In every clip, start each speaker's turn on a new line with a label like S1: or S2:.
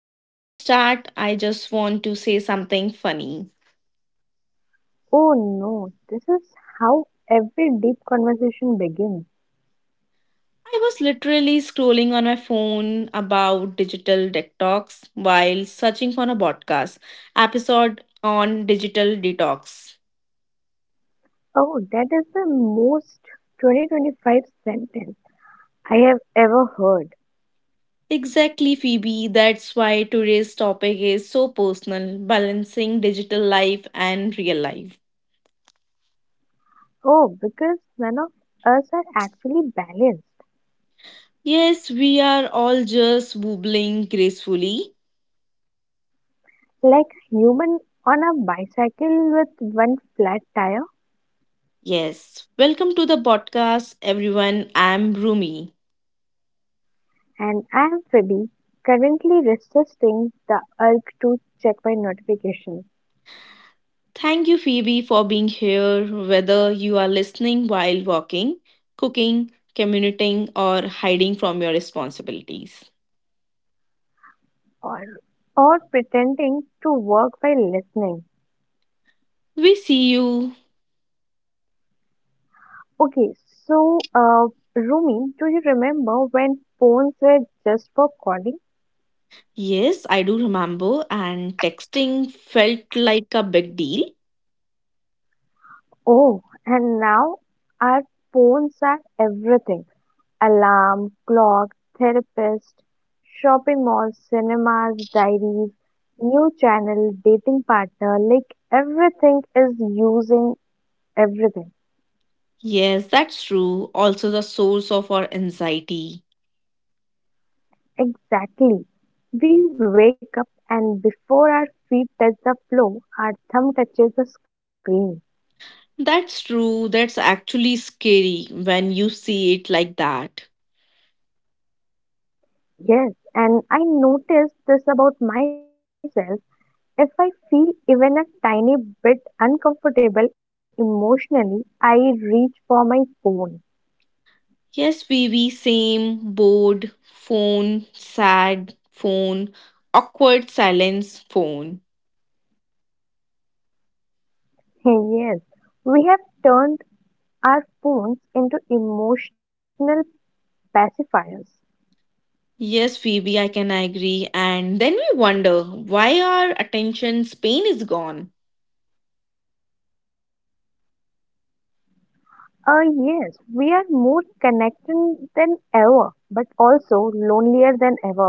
S1: before we start, I just want to say something funny.
S2: Oh no, this is how every deep conversation begins.
S1: I was literally scrolling on my phone about digital detox while searching for a podcast episode on digital detox.
S2: Oh, that is the most 2025 sentence I have ever heard.
S1: Exactly, Phoebe. That's why today's topic is so personal balancing digital life and real life.
S2: Oh, because none of us are actually balanced.
S1: Yes, we are all just wobbling gracefully.
S2: Like a human on a bicycle with one flat tire.
S1: Yes, welcome to the podcast, everyone. I'm Rumi.
S2: And I am Phoebe, currently resisting the urge to check my notifications
S1: Thank you, Phoebe, for being here. Whether you are listening while walking, cooking, commuting, or hiding from your responsibilities,
S2: or, or pretending to work by listening.
S1: we see you.
S2: Okay, so Rumi, do you remember when phones were just for calling?
S1: Yes, I do remember, and texting felt like a big deal.
S2: Oh, and now our phones are everything. Alarm, clock, therapist, shopping malls, cinemas, diaries, new channel, dating partner, like everything is using everything.
S1: Yes, that's true. Also, the source of our anxiety.
S2: Exactly. We wake up and before our feet touch the floor, our thumb touches the screen.
S1: That's true. That's actually scary when you see it like that.
S2: Yes, and I noticed this about myself. If I feel even a tiny bit uncomfortable emotionally, I reach for my phone.
S1: Yes, Vivi, same, bored, phone, sad, phone, awkward silence, phone.
S2: Yes, we have turned our phones into emotional pacifiers.
S1: Yes, Phoebe, I can agree. And then we wonder why our attention span is gone.
S2: Uh, yes, we are more connected than ever, but also lonelier than ever also.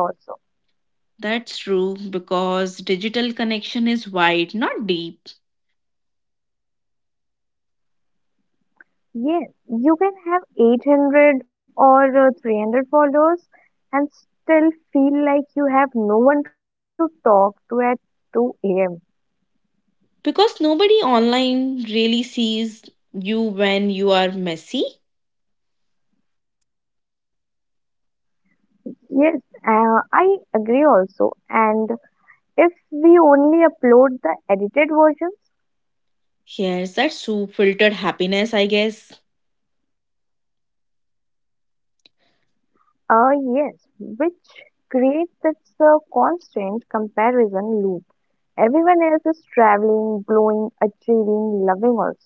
S1: That's true, because digital connection is wide, not deep.
S2: Yes, you can have 800 or 300 followers and still feel like you have no one to talk to at 2 a.m.
S1: Because nobody online really sees you when you are messy.
S2: Yes, I agree also. And if we only upload the edited versions,
S1: Yes, that's so filtered happiness, I guess.
S2: uh, yes, which creates this constant comparison loop. Everyone else is traveling, glowing, achieving, loving also.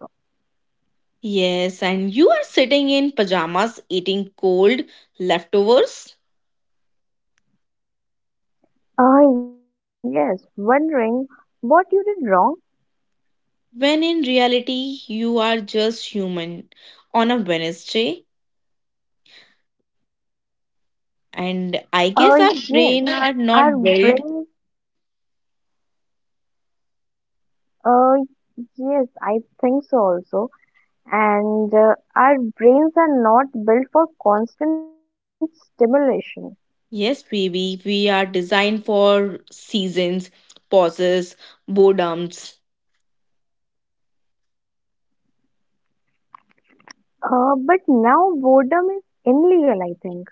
S1: Yes, and you are sitting in pajamas eating cold leftovers
S2: Yes, wondering what you did wrong.
S1: when in reality you are just human on a Wednesday. And
S2: Uh,
S1: I guess our
S2: yes,
S1: brain are
S2: our
S1: not
S2: brains,
S1: built.
S2: uh, yes, I think so also. And our brains are not built for constant stimulation.
S1: Yes, baby, we are designed for seasons, pauses, boredoms.
S2: But now boredom is illegal, I think.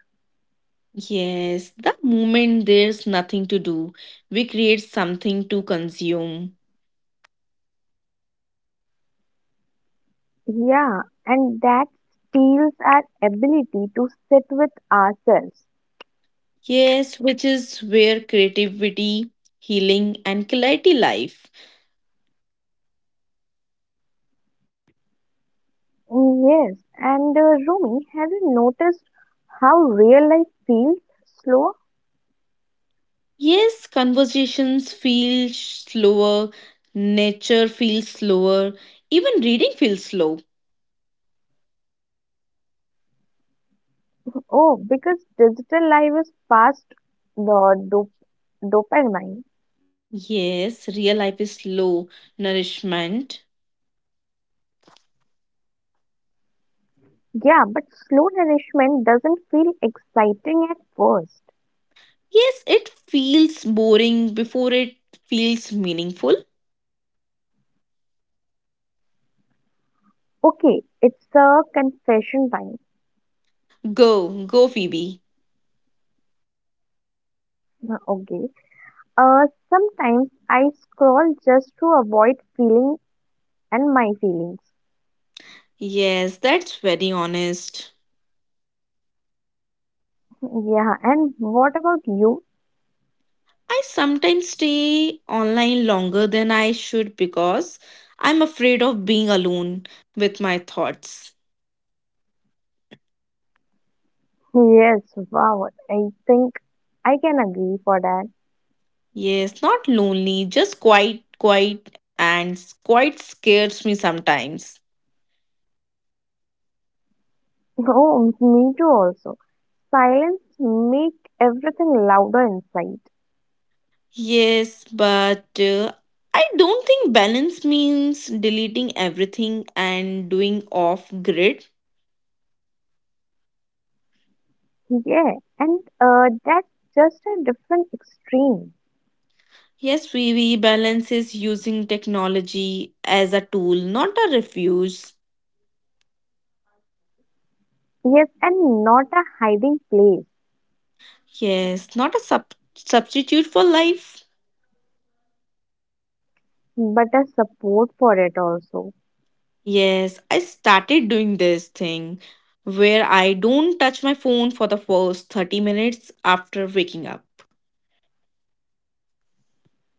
S1: Yes, the moment there's nothing to do, we create something to consume.
S2: Yeah, and that steals our ability to sit with ourselves.
S1: Yes, which is where creativity, healing, and clarity life.
S2: Yes, and Rumi, have you noticed how real life feels slower?
S1: Yes, conversations feel slower, nature feels slower, even reading feels slow.
S2: Oh, because digital life is fast, the dopamine.
S1: Yes, real life is slow nourishment.
S2: Yeah, but slow nourishment doesn't feel exciting at first.
S1: Yes, it feels boring before it feels meaningful.
S2: Okay, it's a confession time.
S1: Go, go, Phoebe.
S2: Okay. Uh, Sometimes I scroll just to avoid feeling and my feelings.
S1: Yes, that's very honest.
S2: Yeah, and what about you?
S1: I sometimes stay online longer than I should because I'm afraid of being alone with my thoughts.
S2: Yes, wow. I think I can agree for that.
S1: Yes, not lonely, just quite, quite, and quite scares me sometimes.
S2: Oh, me too also. Silence make everything louder inside.
S1: Yes, but I don't think balance means deleting everything and doing off grid.
S2: Yeah, and that's just a different extreme.
S1: Yes, we balance is using technology as a tool, not a refuge.
S2: Yes, and not a hiding place,
S1: Yes, not a substitute for life.
S2: but a support for it also.
S1: Yes, I started doing this thing where I don't touch my phone for the first 30 minutes after waking up.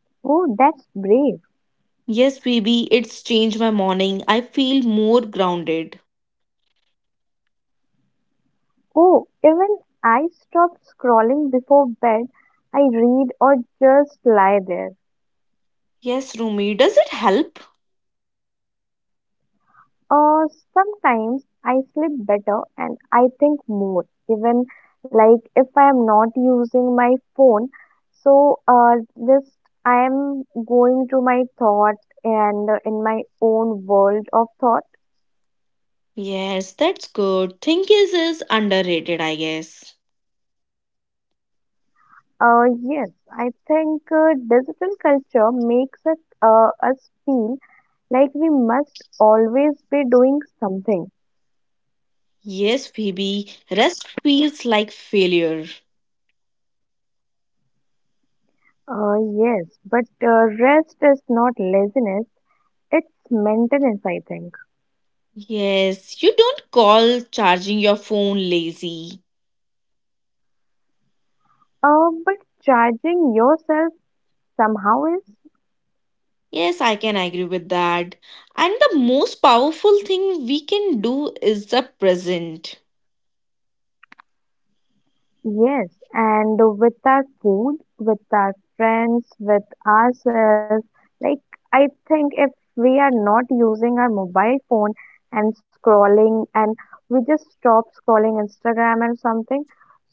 S2: Oh, that's brave.
S1: Yes, baby, it's changed my morning. I feel more grounded.
S2: Oh, even I stop scrolling before bed. I read or just lie there.
S1: Yes, Rumi, does it help?
S2: Uh, Sometimes I sleep better and I think more, even like if I am not using my phone. So, just I am going to my thought and in my own world of thought.
S1: Yes, that's good. Think is underrated, I guess.
S2: Uh, yes, I think digital culture makes us feel like we must always be doing something.
S1: Yes, Phoebe, rest feels like failure.
S2: Uh, yes, but rest is not laziness, it's maintenance, I think.
S1: Yes, you don't call charging your phone lazy.
S2: But charging yourself somehow is,
S1: Yes, I can agree with that. And the most powerful thing we can do is the present.
S2: yes, and with our food, with our friends, with ourselves. Like, I think if we are not using our mobile phone and scrolling, and we just stop scrolling Instagram and something,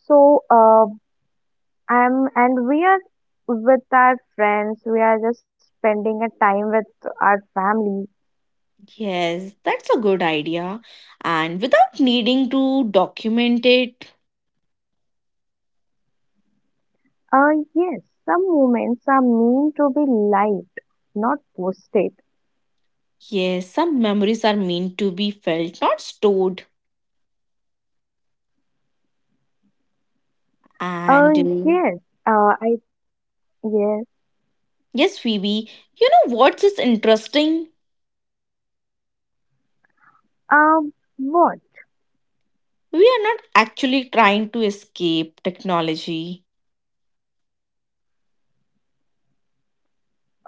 S2: so I'm and we are with our friends, we are just spending a time with our family.
S1: Yes, that's a good idea. And without needing to document it,
S2: Yes, some moments are meant to be liked, not posted.
S1: yes, some memories are meant to be felt, not stored.
S2: Uh,
S1: And
S2: yes, I, yes,
S1: Yes, Phoebe, you know what's is interesting?
S2: uh, what?
S1: We are not actually trying to escape technology.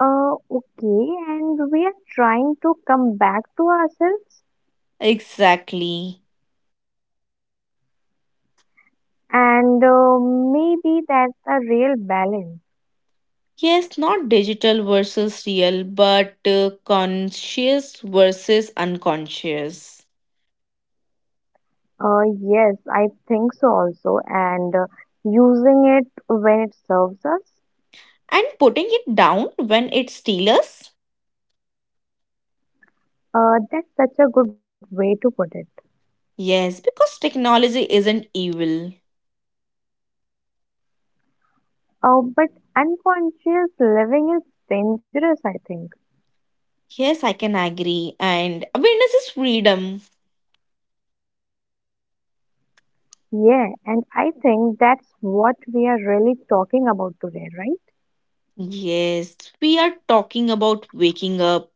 S2: Okay, and we are trying to come back to ourselves,
S1: Exactly.
S2: and maybe that's the real balance.
S1: Yes, not digital versus real, but conscious versus unconscious.
S2: Uh, yes, I think so also, and using it when it serves us,
S1: And putting it down when it steals us?
S2: that's such a good way to put it.
S1: Yes, because technology isn't evil.
S2: But unconscious living is dangerous, I think.
S1: Yes, I can agree. And awareness is freedom.
S2: Yeah, and I think that's what we are really talking about today, right?
S1: Yes, we are talking about waking up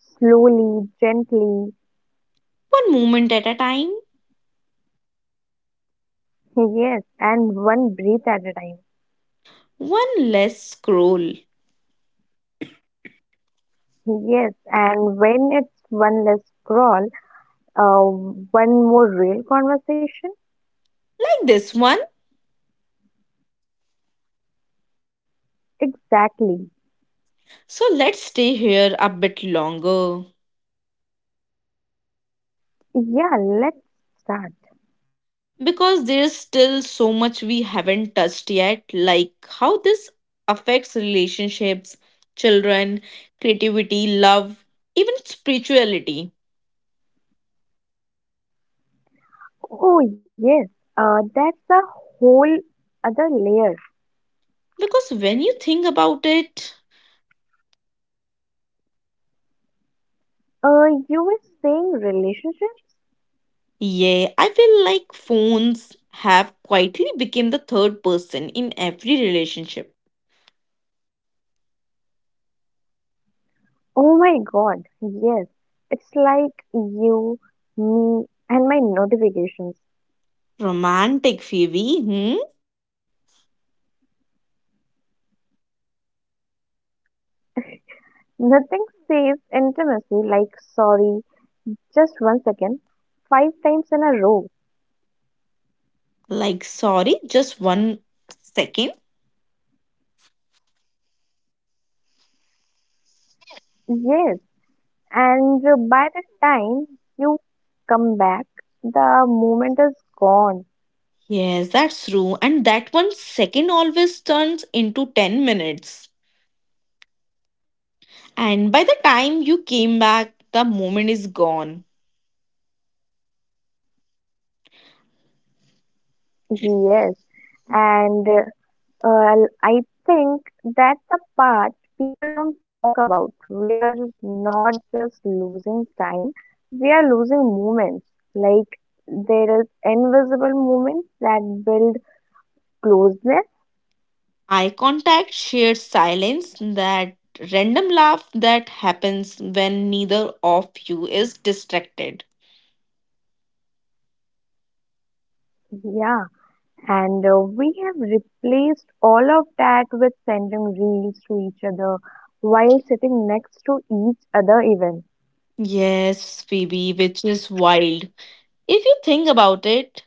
S2: Slowly, gently,
S1: one moment at a time,
S2: yes, and one breath at a time.
S1: one less scroll. Like
S2: Yes, and when it's one less scroll, one more real conversation.
S1: this one.
S2: Exactly.
S1: So let's stay here a bit longer.
S2: Yeah, let's start.
S1: Because there's still so much we haven't touched yet, like how this affects relationships, children, creativity, love, even spirituality.
S2: Oh, yes, that's a whole other layer.
S1: Because when you think about it,
S2: You were saying relationships?
S1: yeah, I feel like phones have quietly become the third person in every relationship.
S2: Oh my God, yes. It's like you, me, and my notifications.
S1: Romantic, Phoebe, hmm?
S2: Nothing says intimacy like sorry, just one second, five times in a row.
S1: Like, sorry, just 1 second.
S2: Yes, and by the time you come back, the moment is gone.
S1: Yes, that's true. And that 1 second always turns into 10 minutes. And by the time you came back, the moment is gone.
S2: Yes, and well, I think that's the part people don't talk about. We are not just losing time, we are losing moments. Like there is invisible moments that build closeness.
S1: Eye contact, shared silence, that random laugh that happens when neither of you is distracted.
S2: Yeah. And we have replaced all of that with sending reels to each other while sitting next to each other even.
S1: Yes, Phoebe, which is wild. If you think about it,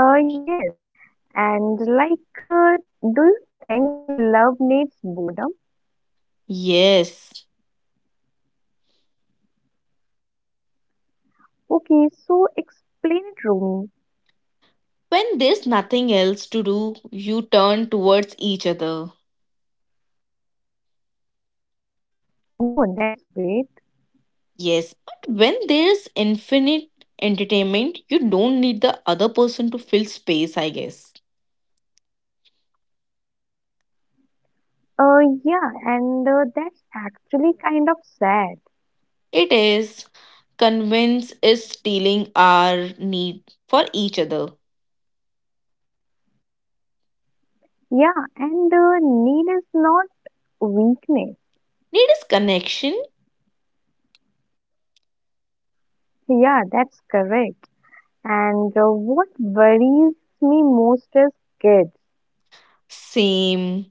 S2: Yes. And like, do you think love needs boredom?
S1: yes.
S2: Okay, so explain it, Rumi.
S1: When there's nothing else to do, you turn towards each other.
S2: Oh, that's great.
S1: Yes, but when there's infinite entertainment, you don't need the other person to fill space, I guess.
S2: Uh, yeah, and that's actually kind of sad.
S1: It is convince is stealing our need for each other.
S2: Yeah, and need is not weakness.
S1: Need is connection.
S2: Yeah, that's correct. And what worries me most is kids.
S1: Same.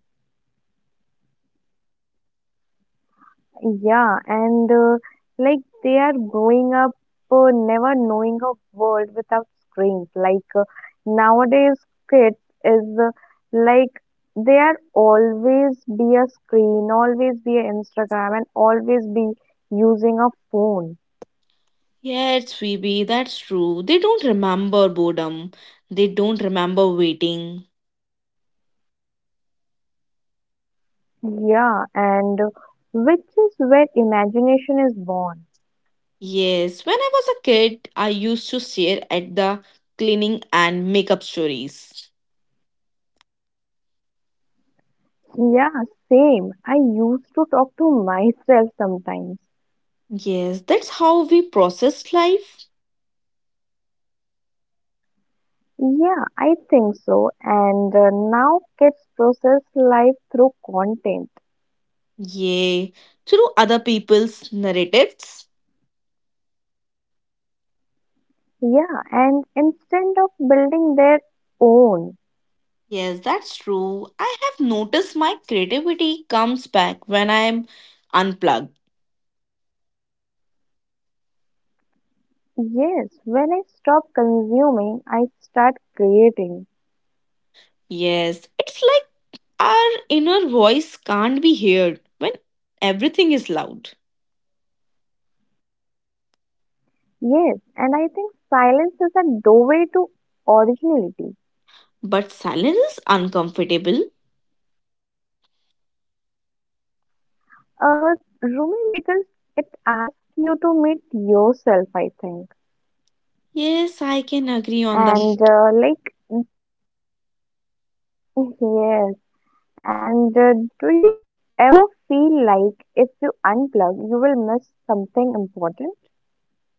S2: Yeah, and like they are growing up, never knowing a world without screens. Like nowadays, kids is like they are always be a screen, always be a Instagram, and always be using a phone.
S1: Yes, Phoebe, that's true. They don't remember boredom. They don't remember waiting.
S2: Yeah, and which is where imagination is born.
S1: Yes, when I was a kid, I used to stare at the cleaning and makeup stories.
S2: Yeah, same. I used to talk to myself sometimes.
S1: Yes, that's how we processed life.
S2: Yeah, I think so. And now kids process life through content.
S1: Yay, through other people's narratives.
S2: Yeah, and instead of building their own.
S1: Yes, that's true. I have noticed my creativity comes back when I am unplugged.
S2: Yes, when I stop consuming, I start creating.
S1: Yes, it's like our inner voice can't be heard when everything is loud.
S2: Yes, and I think silence is a doorway to originality.
S1: But silence is uncomfortable.
S2: Uh, Rumi, because it asks you to meet yourself, I think.
S1: Yes, I can agree
S2: And
S1: on that
S2: like, yes, and do you ever feel like if you unplug, you will miss something important?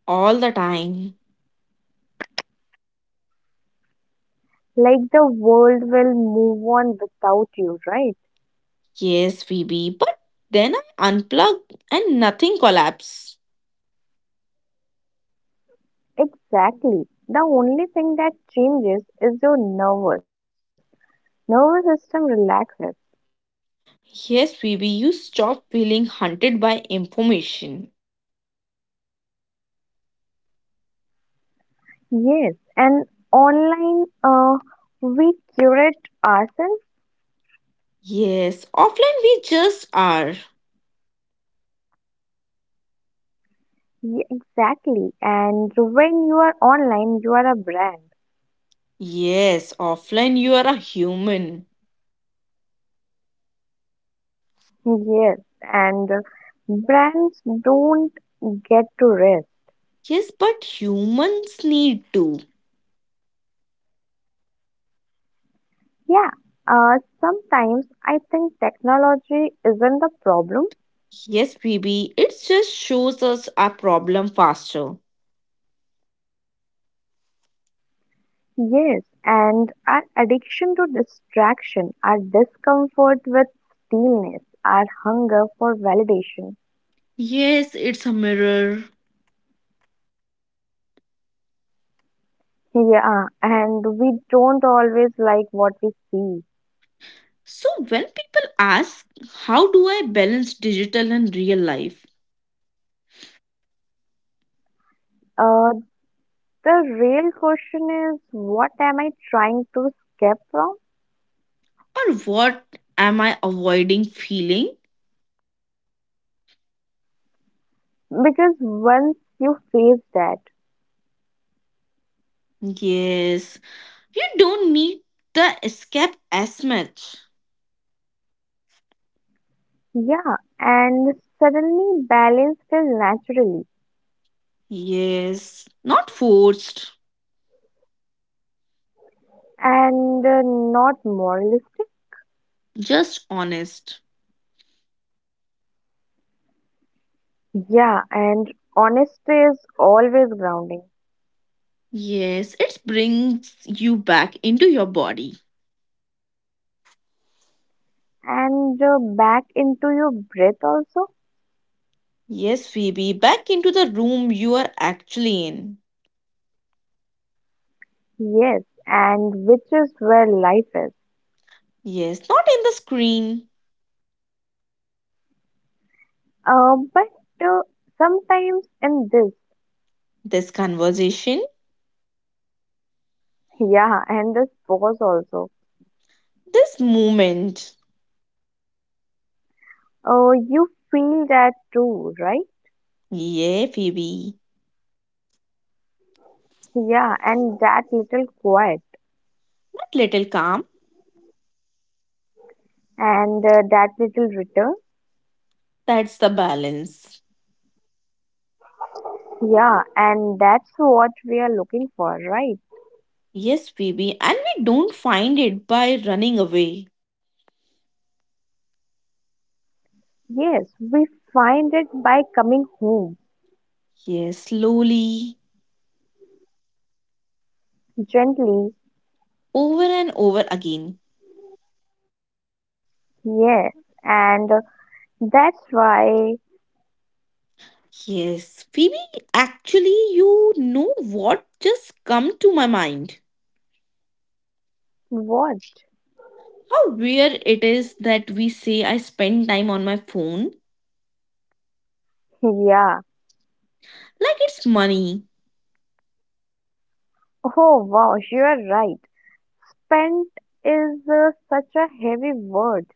S1: all the time.
S2: Like the world will move on without you, right?
S1: Yes, Phoebe, but then I unplug and nothing collapses.
S2: Exactly. The only thing that changes is your nervous. Nervous system relaxes.
S1: Yes, Phoebe, you stop feeling hunted by information.
S2: Yes. And online, we curate ourselves.
S1: Yes, offline we just are.
S2: Exactly. And when you are online, you are a brand.
S1: Yes, offline you are a human.
S2: Yes, and brands don't get to rest.
S1: Yes, but humans need to.
S2: Yeah, sometimes I think technology isn't the problem.
S1: Yes, baby, it just shows us our problem faster.
S2: Yes, and our addiction to distraction, our discomfort with stillness, our hunger for validation.
S1: Yes, it's a mirror.
S2: Yeah, and we don't always like what we see.
S1: So when people ask, how do I balance digital and real life?
S2: Uh, the real question is, what am I trying to escape from?
S1: Or what am I avoiding feeling?
S2: Because once you face that,
S1: Yes, you don't need the escape as much.
S2: yeah, and suddenly balance fell naturally,
S1: Yes, not forced,
S2: and not moralistic.
S1: just honest.
S2: Yeah, and honesty is always grounding.
S1: Yes, it brings you back into your body.
S2: And back into your breath also.
S1: Yes, Phoebe, back into the room you are actually in.
S2: Yes, and which is where life is.
S1: Yes, not in the screen.
S2: But uh, sometimes in this,
S1: This conversation,
S2: yeah, and this pause also,
S1: this moment.
S2: you feel that too, right?
S1: Yeah, Phoebe.
S2: Yeah, and that little quiet
S1: That little calm,
S2: and that little return.
S1: that's the balance.
S2: Yeah, and that's what we are looking for, right?
S1: Yes, Phoebe, and we don't find it by running away.
S2: Yes, we find it by coming home
S1: Yes, slowly,
S2: gently.
S1: over and over again.
S2: Yes, and that's why
S1: Yes, Phoebe, actually, you know what just come to my mind?
S2: what?
S1: How weird it is that we say I spend time on my phone
S2: Yeah.
S1: like it's money.
S2: Oh wow, you are right. Spent is such a heavy word,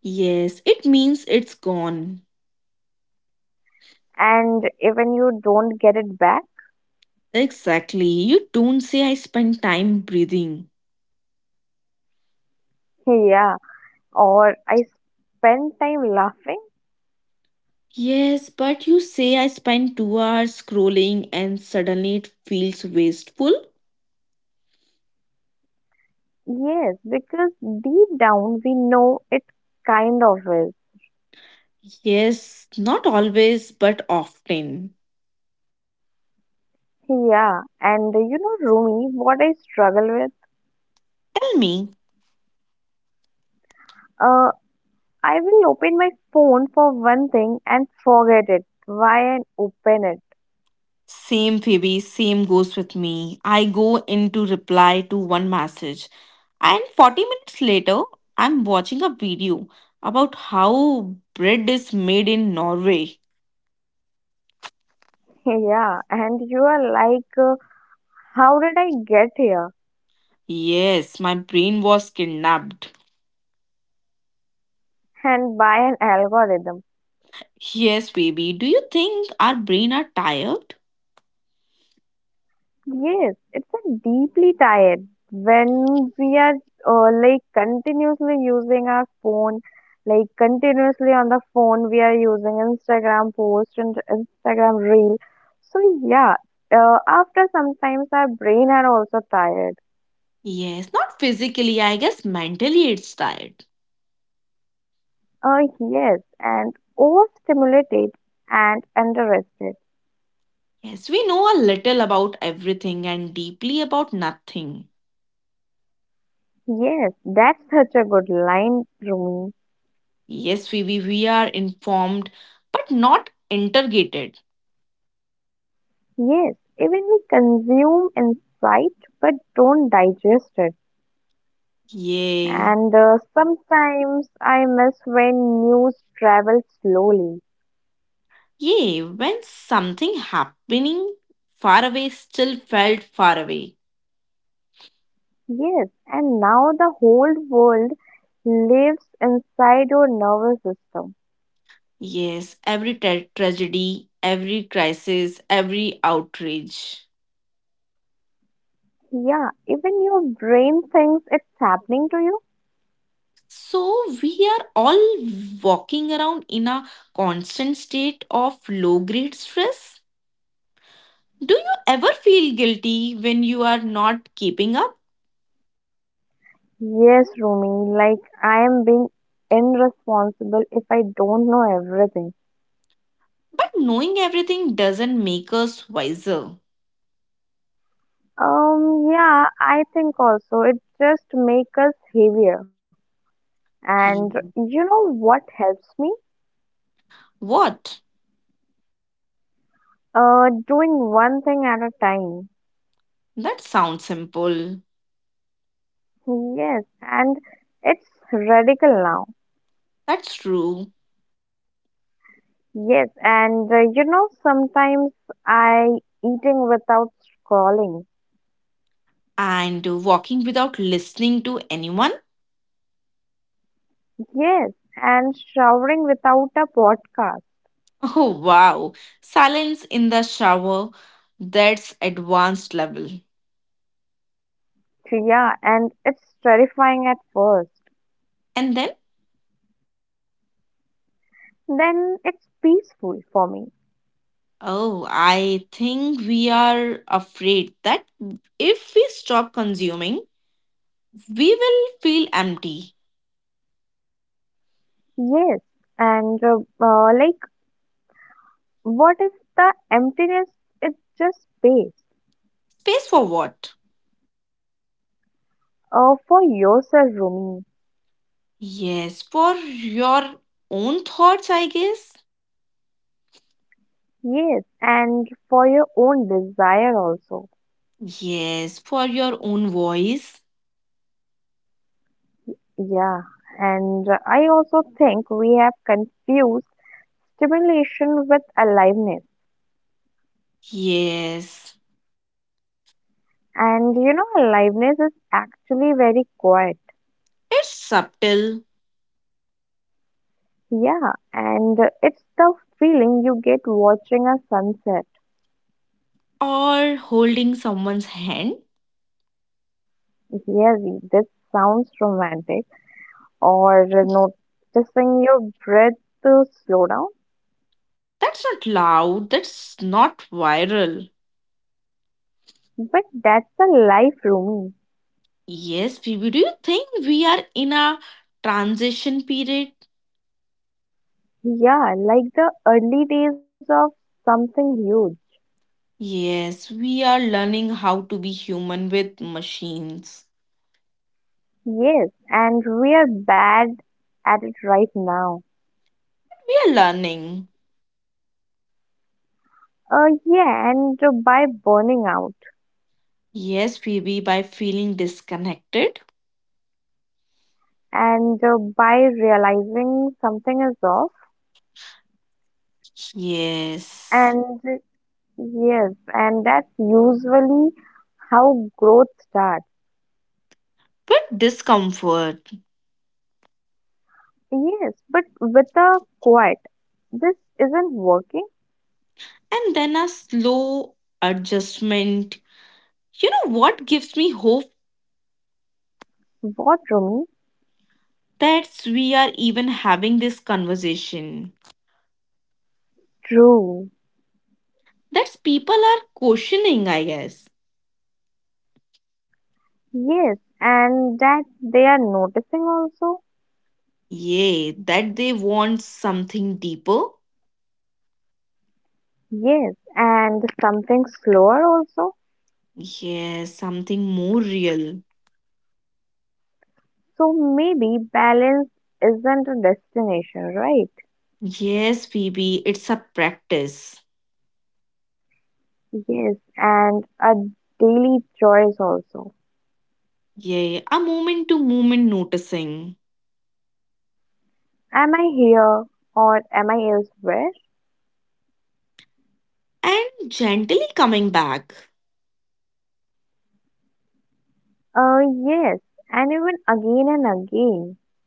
S1: Yes, it means it's gone.
S2: and even you don't get it back.
S1: Exactly. You don't say I spend time breathing.
S2: Yeah, or I spend time laughing.
S1: Yes, but you say I spend 2 hours scrolling and suddenly it feels wasteful.
S2: Yes, because deep down we know it kind of is.
S1: Yes, not always, but often.
S2: Yeah, and you know, Rumi, what I struggle with?
S1: Tell me.
S2: Uh, I will open my phone for one thing and forget it. Why and open it?
S1: Same, Phoebe, same goes with me. I go into reply to one message. And 40 minutes later, I'm watching a video about how bread is made in Norway.
S2: Yeah, and you are like, how did I get here?
S1: Yes, my brain was kidnapped.
S2: And by an algorithm.
S1: Yes, baby, do you think our brain are tired?
S2: Yes, it's a deeply tired. When we are like continuously using our phone, like continuously on the phone, we are using Instagram post and Instagram reel. So yeah, after sometimes our brain are also tired.
S1: Yes, not physically, I guess mentally it's tired.
S2: Uh, yes, and overstimulated and underrested.
S1: Yes, we know a little about everything and deeply about nothing.
S2: Yes, that's such a good line, Rumi.
S1: Yes, Phoebe, we are informed but not interrogated.
S2: Yes, even we consume insight but don't digest it.
S1: Yeah,
S2: And sometimes I miss when news travels slowly.
S1: yeah, when something happening far away still felt far away.
S2: Yes, and now the whole world lives inside your nervous system.
S1: Yes, every tragedy, every crisis, every outrage.
S2: Yeah, even your brain thinks it's happening to you.
S1: So we are all walking around in a constant state of low grade stress. Do you ever feel guilty when you are not keeping up?
S2: Yes, Rumi, like I am being irresponsible if I don't know everything.
S1: But knowing everything doesn't make us wiser.
S2: Yeah, I think also it just makes us heavier. And
S1: Ye-
S2: you know what helps me?
S1: What?
S2: Doing one thing at a time.
S1: That sounds simple.
S2: Yes, and it's radical now.
S1: That's true.
S2: Yes, and you know, sometimes I eating without scrolling.
S1: And walking without listening to anyone.
S2: Yes, and showering without a podcast.
S1: Oh, wow. Silence in the shower. That's advanced level.
S2: Yeah, and it's terrifying at first.
S1: And then,
S2: Then it's peaceful for me.
S1: oh, I think we are afraid that if we stop consuming, we will feel empty.
S2: Yes, and like, what if the emptiness is just space?
S1: Space for what?
S2: For yourself, Rumi.
S1: Yes, for your own thoughts, I guess.
S2: Yes, and for your own desire also.
S1: Yes, for your own voice.
S2: Yeah, and I also think we have confused stimulation with aliveness.
S1: Yes.
S2: And you know, aliveness is actually very quiet.
S1: It's subtle.
S2: Yeah, and it's the feeling you get watching a sunset.
S1: Or holding someone's hand.
S2: Yes, this sounds romantic or noticing your breath to slow down,
S1: That's not loud. That's not viral.
S2: but that's the life, Rumi.
S1: Yes, Phoebe, do you think we are in a transition period?
S2: Yeah, like the early days of something huge.
S1: Yes, we are learning how to be human with machines.
S2: Yes, and we are bad at it right now.
S1: We are learning.
S2: Yeah, and by burning out,
S1: Yes, Phoebe, by feeling disconnected.
S2: and by realizing something is off,
S1: Yes,
S2: and yes, and that's usually how growth starts.
S1: but discomfort.
S2: Yes, but with a quiet, this isn't working.
S1: And then a slow adjustment. You know what gives me hope
S2: What, Rumi?
S1: that we are even having this conversation?
S2: True.
S1: That's people are questioning, I guess.
S2: Yes, and that they are noticing also.
S1: Yeah, that they want something deeper.
S2: Yes, and something slower also.
S1: Yes, something more real.
S2: So maybe balance isn't a destination, right?
S1: Yes, Phoebe, it's a practice.
S2: Yes, and a daily choice also.
S1: Yeah, a moment to moment noticing
S2: Am I here or am I elsewhere?
S1: and gently coming back.
S2: Uh, yes, and even again and again.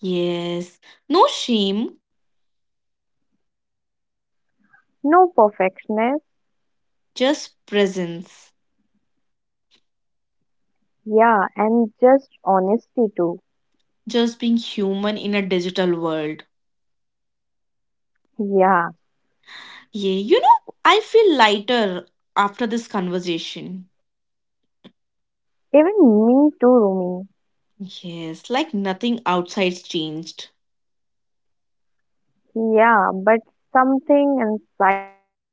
S1: Yes, no shame,
S2: No perfectionist,
S1: just presence,
S2: yeah, and just honesty too.
S1: just being human in a digital world.
S2: Yeah,
S1: Yeah, you know, I feel lighter after this conversation.
S2: even me too,
S1: Yes, like nothing outside's changed.
S2: Rumi. Yeah, but something inside it.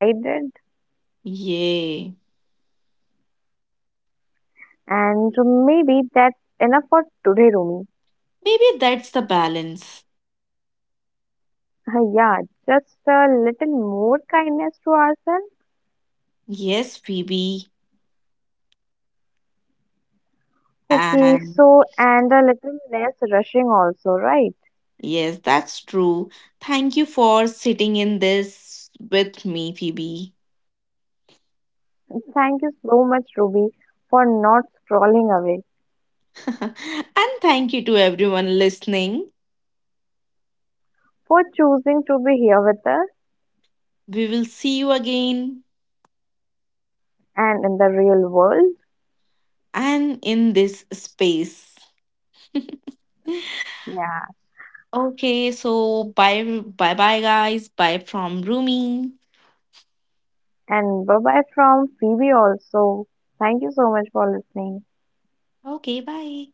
S1: Yay.
S2: And maybe that's enough for today, Rumi.
S1: Maybe that's the balance.
S2: Yeah, just a little more kindness to ourselves.
S1: Yes, Phoebe.
S2: Okay,
S1: And
S2: so and a little less rushing also, right?
S1: yes, that's true. Thank you for sitting in this with me, Phoebe.
S2: Thank you so much, Ruby, for not scrolling away,
S1: And thank you to everyone listening.
S2: for choosing to be here with us
S1: We will see you again
S2: and in the real world.
S1: and in this space.
S2: Yeah,
S1: Okay, so bye bye bye guys. Bye from Rumi.
S2: and bye bye from Phoebe also. Thank you so much for listening.
S1: Okay, bye.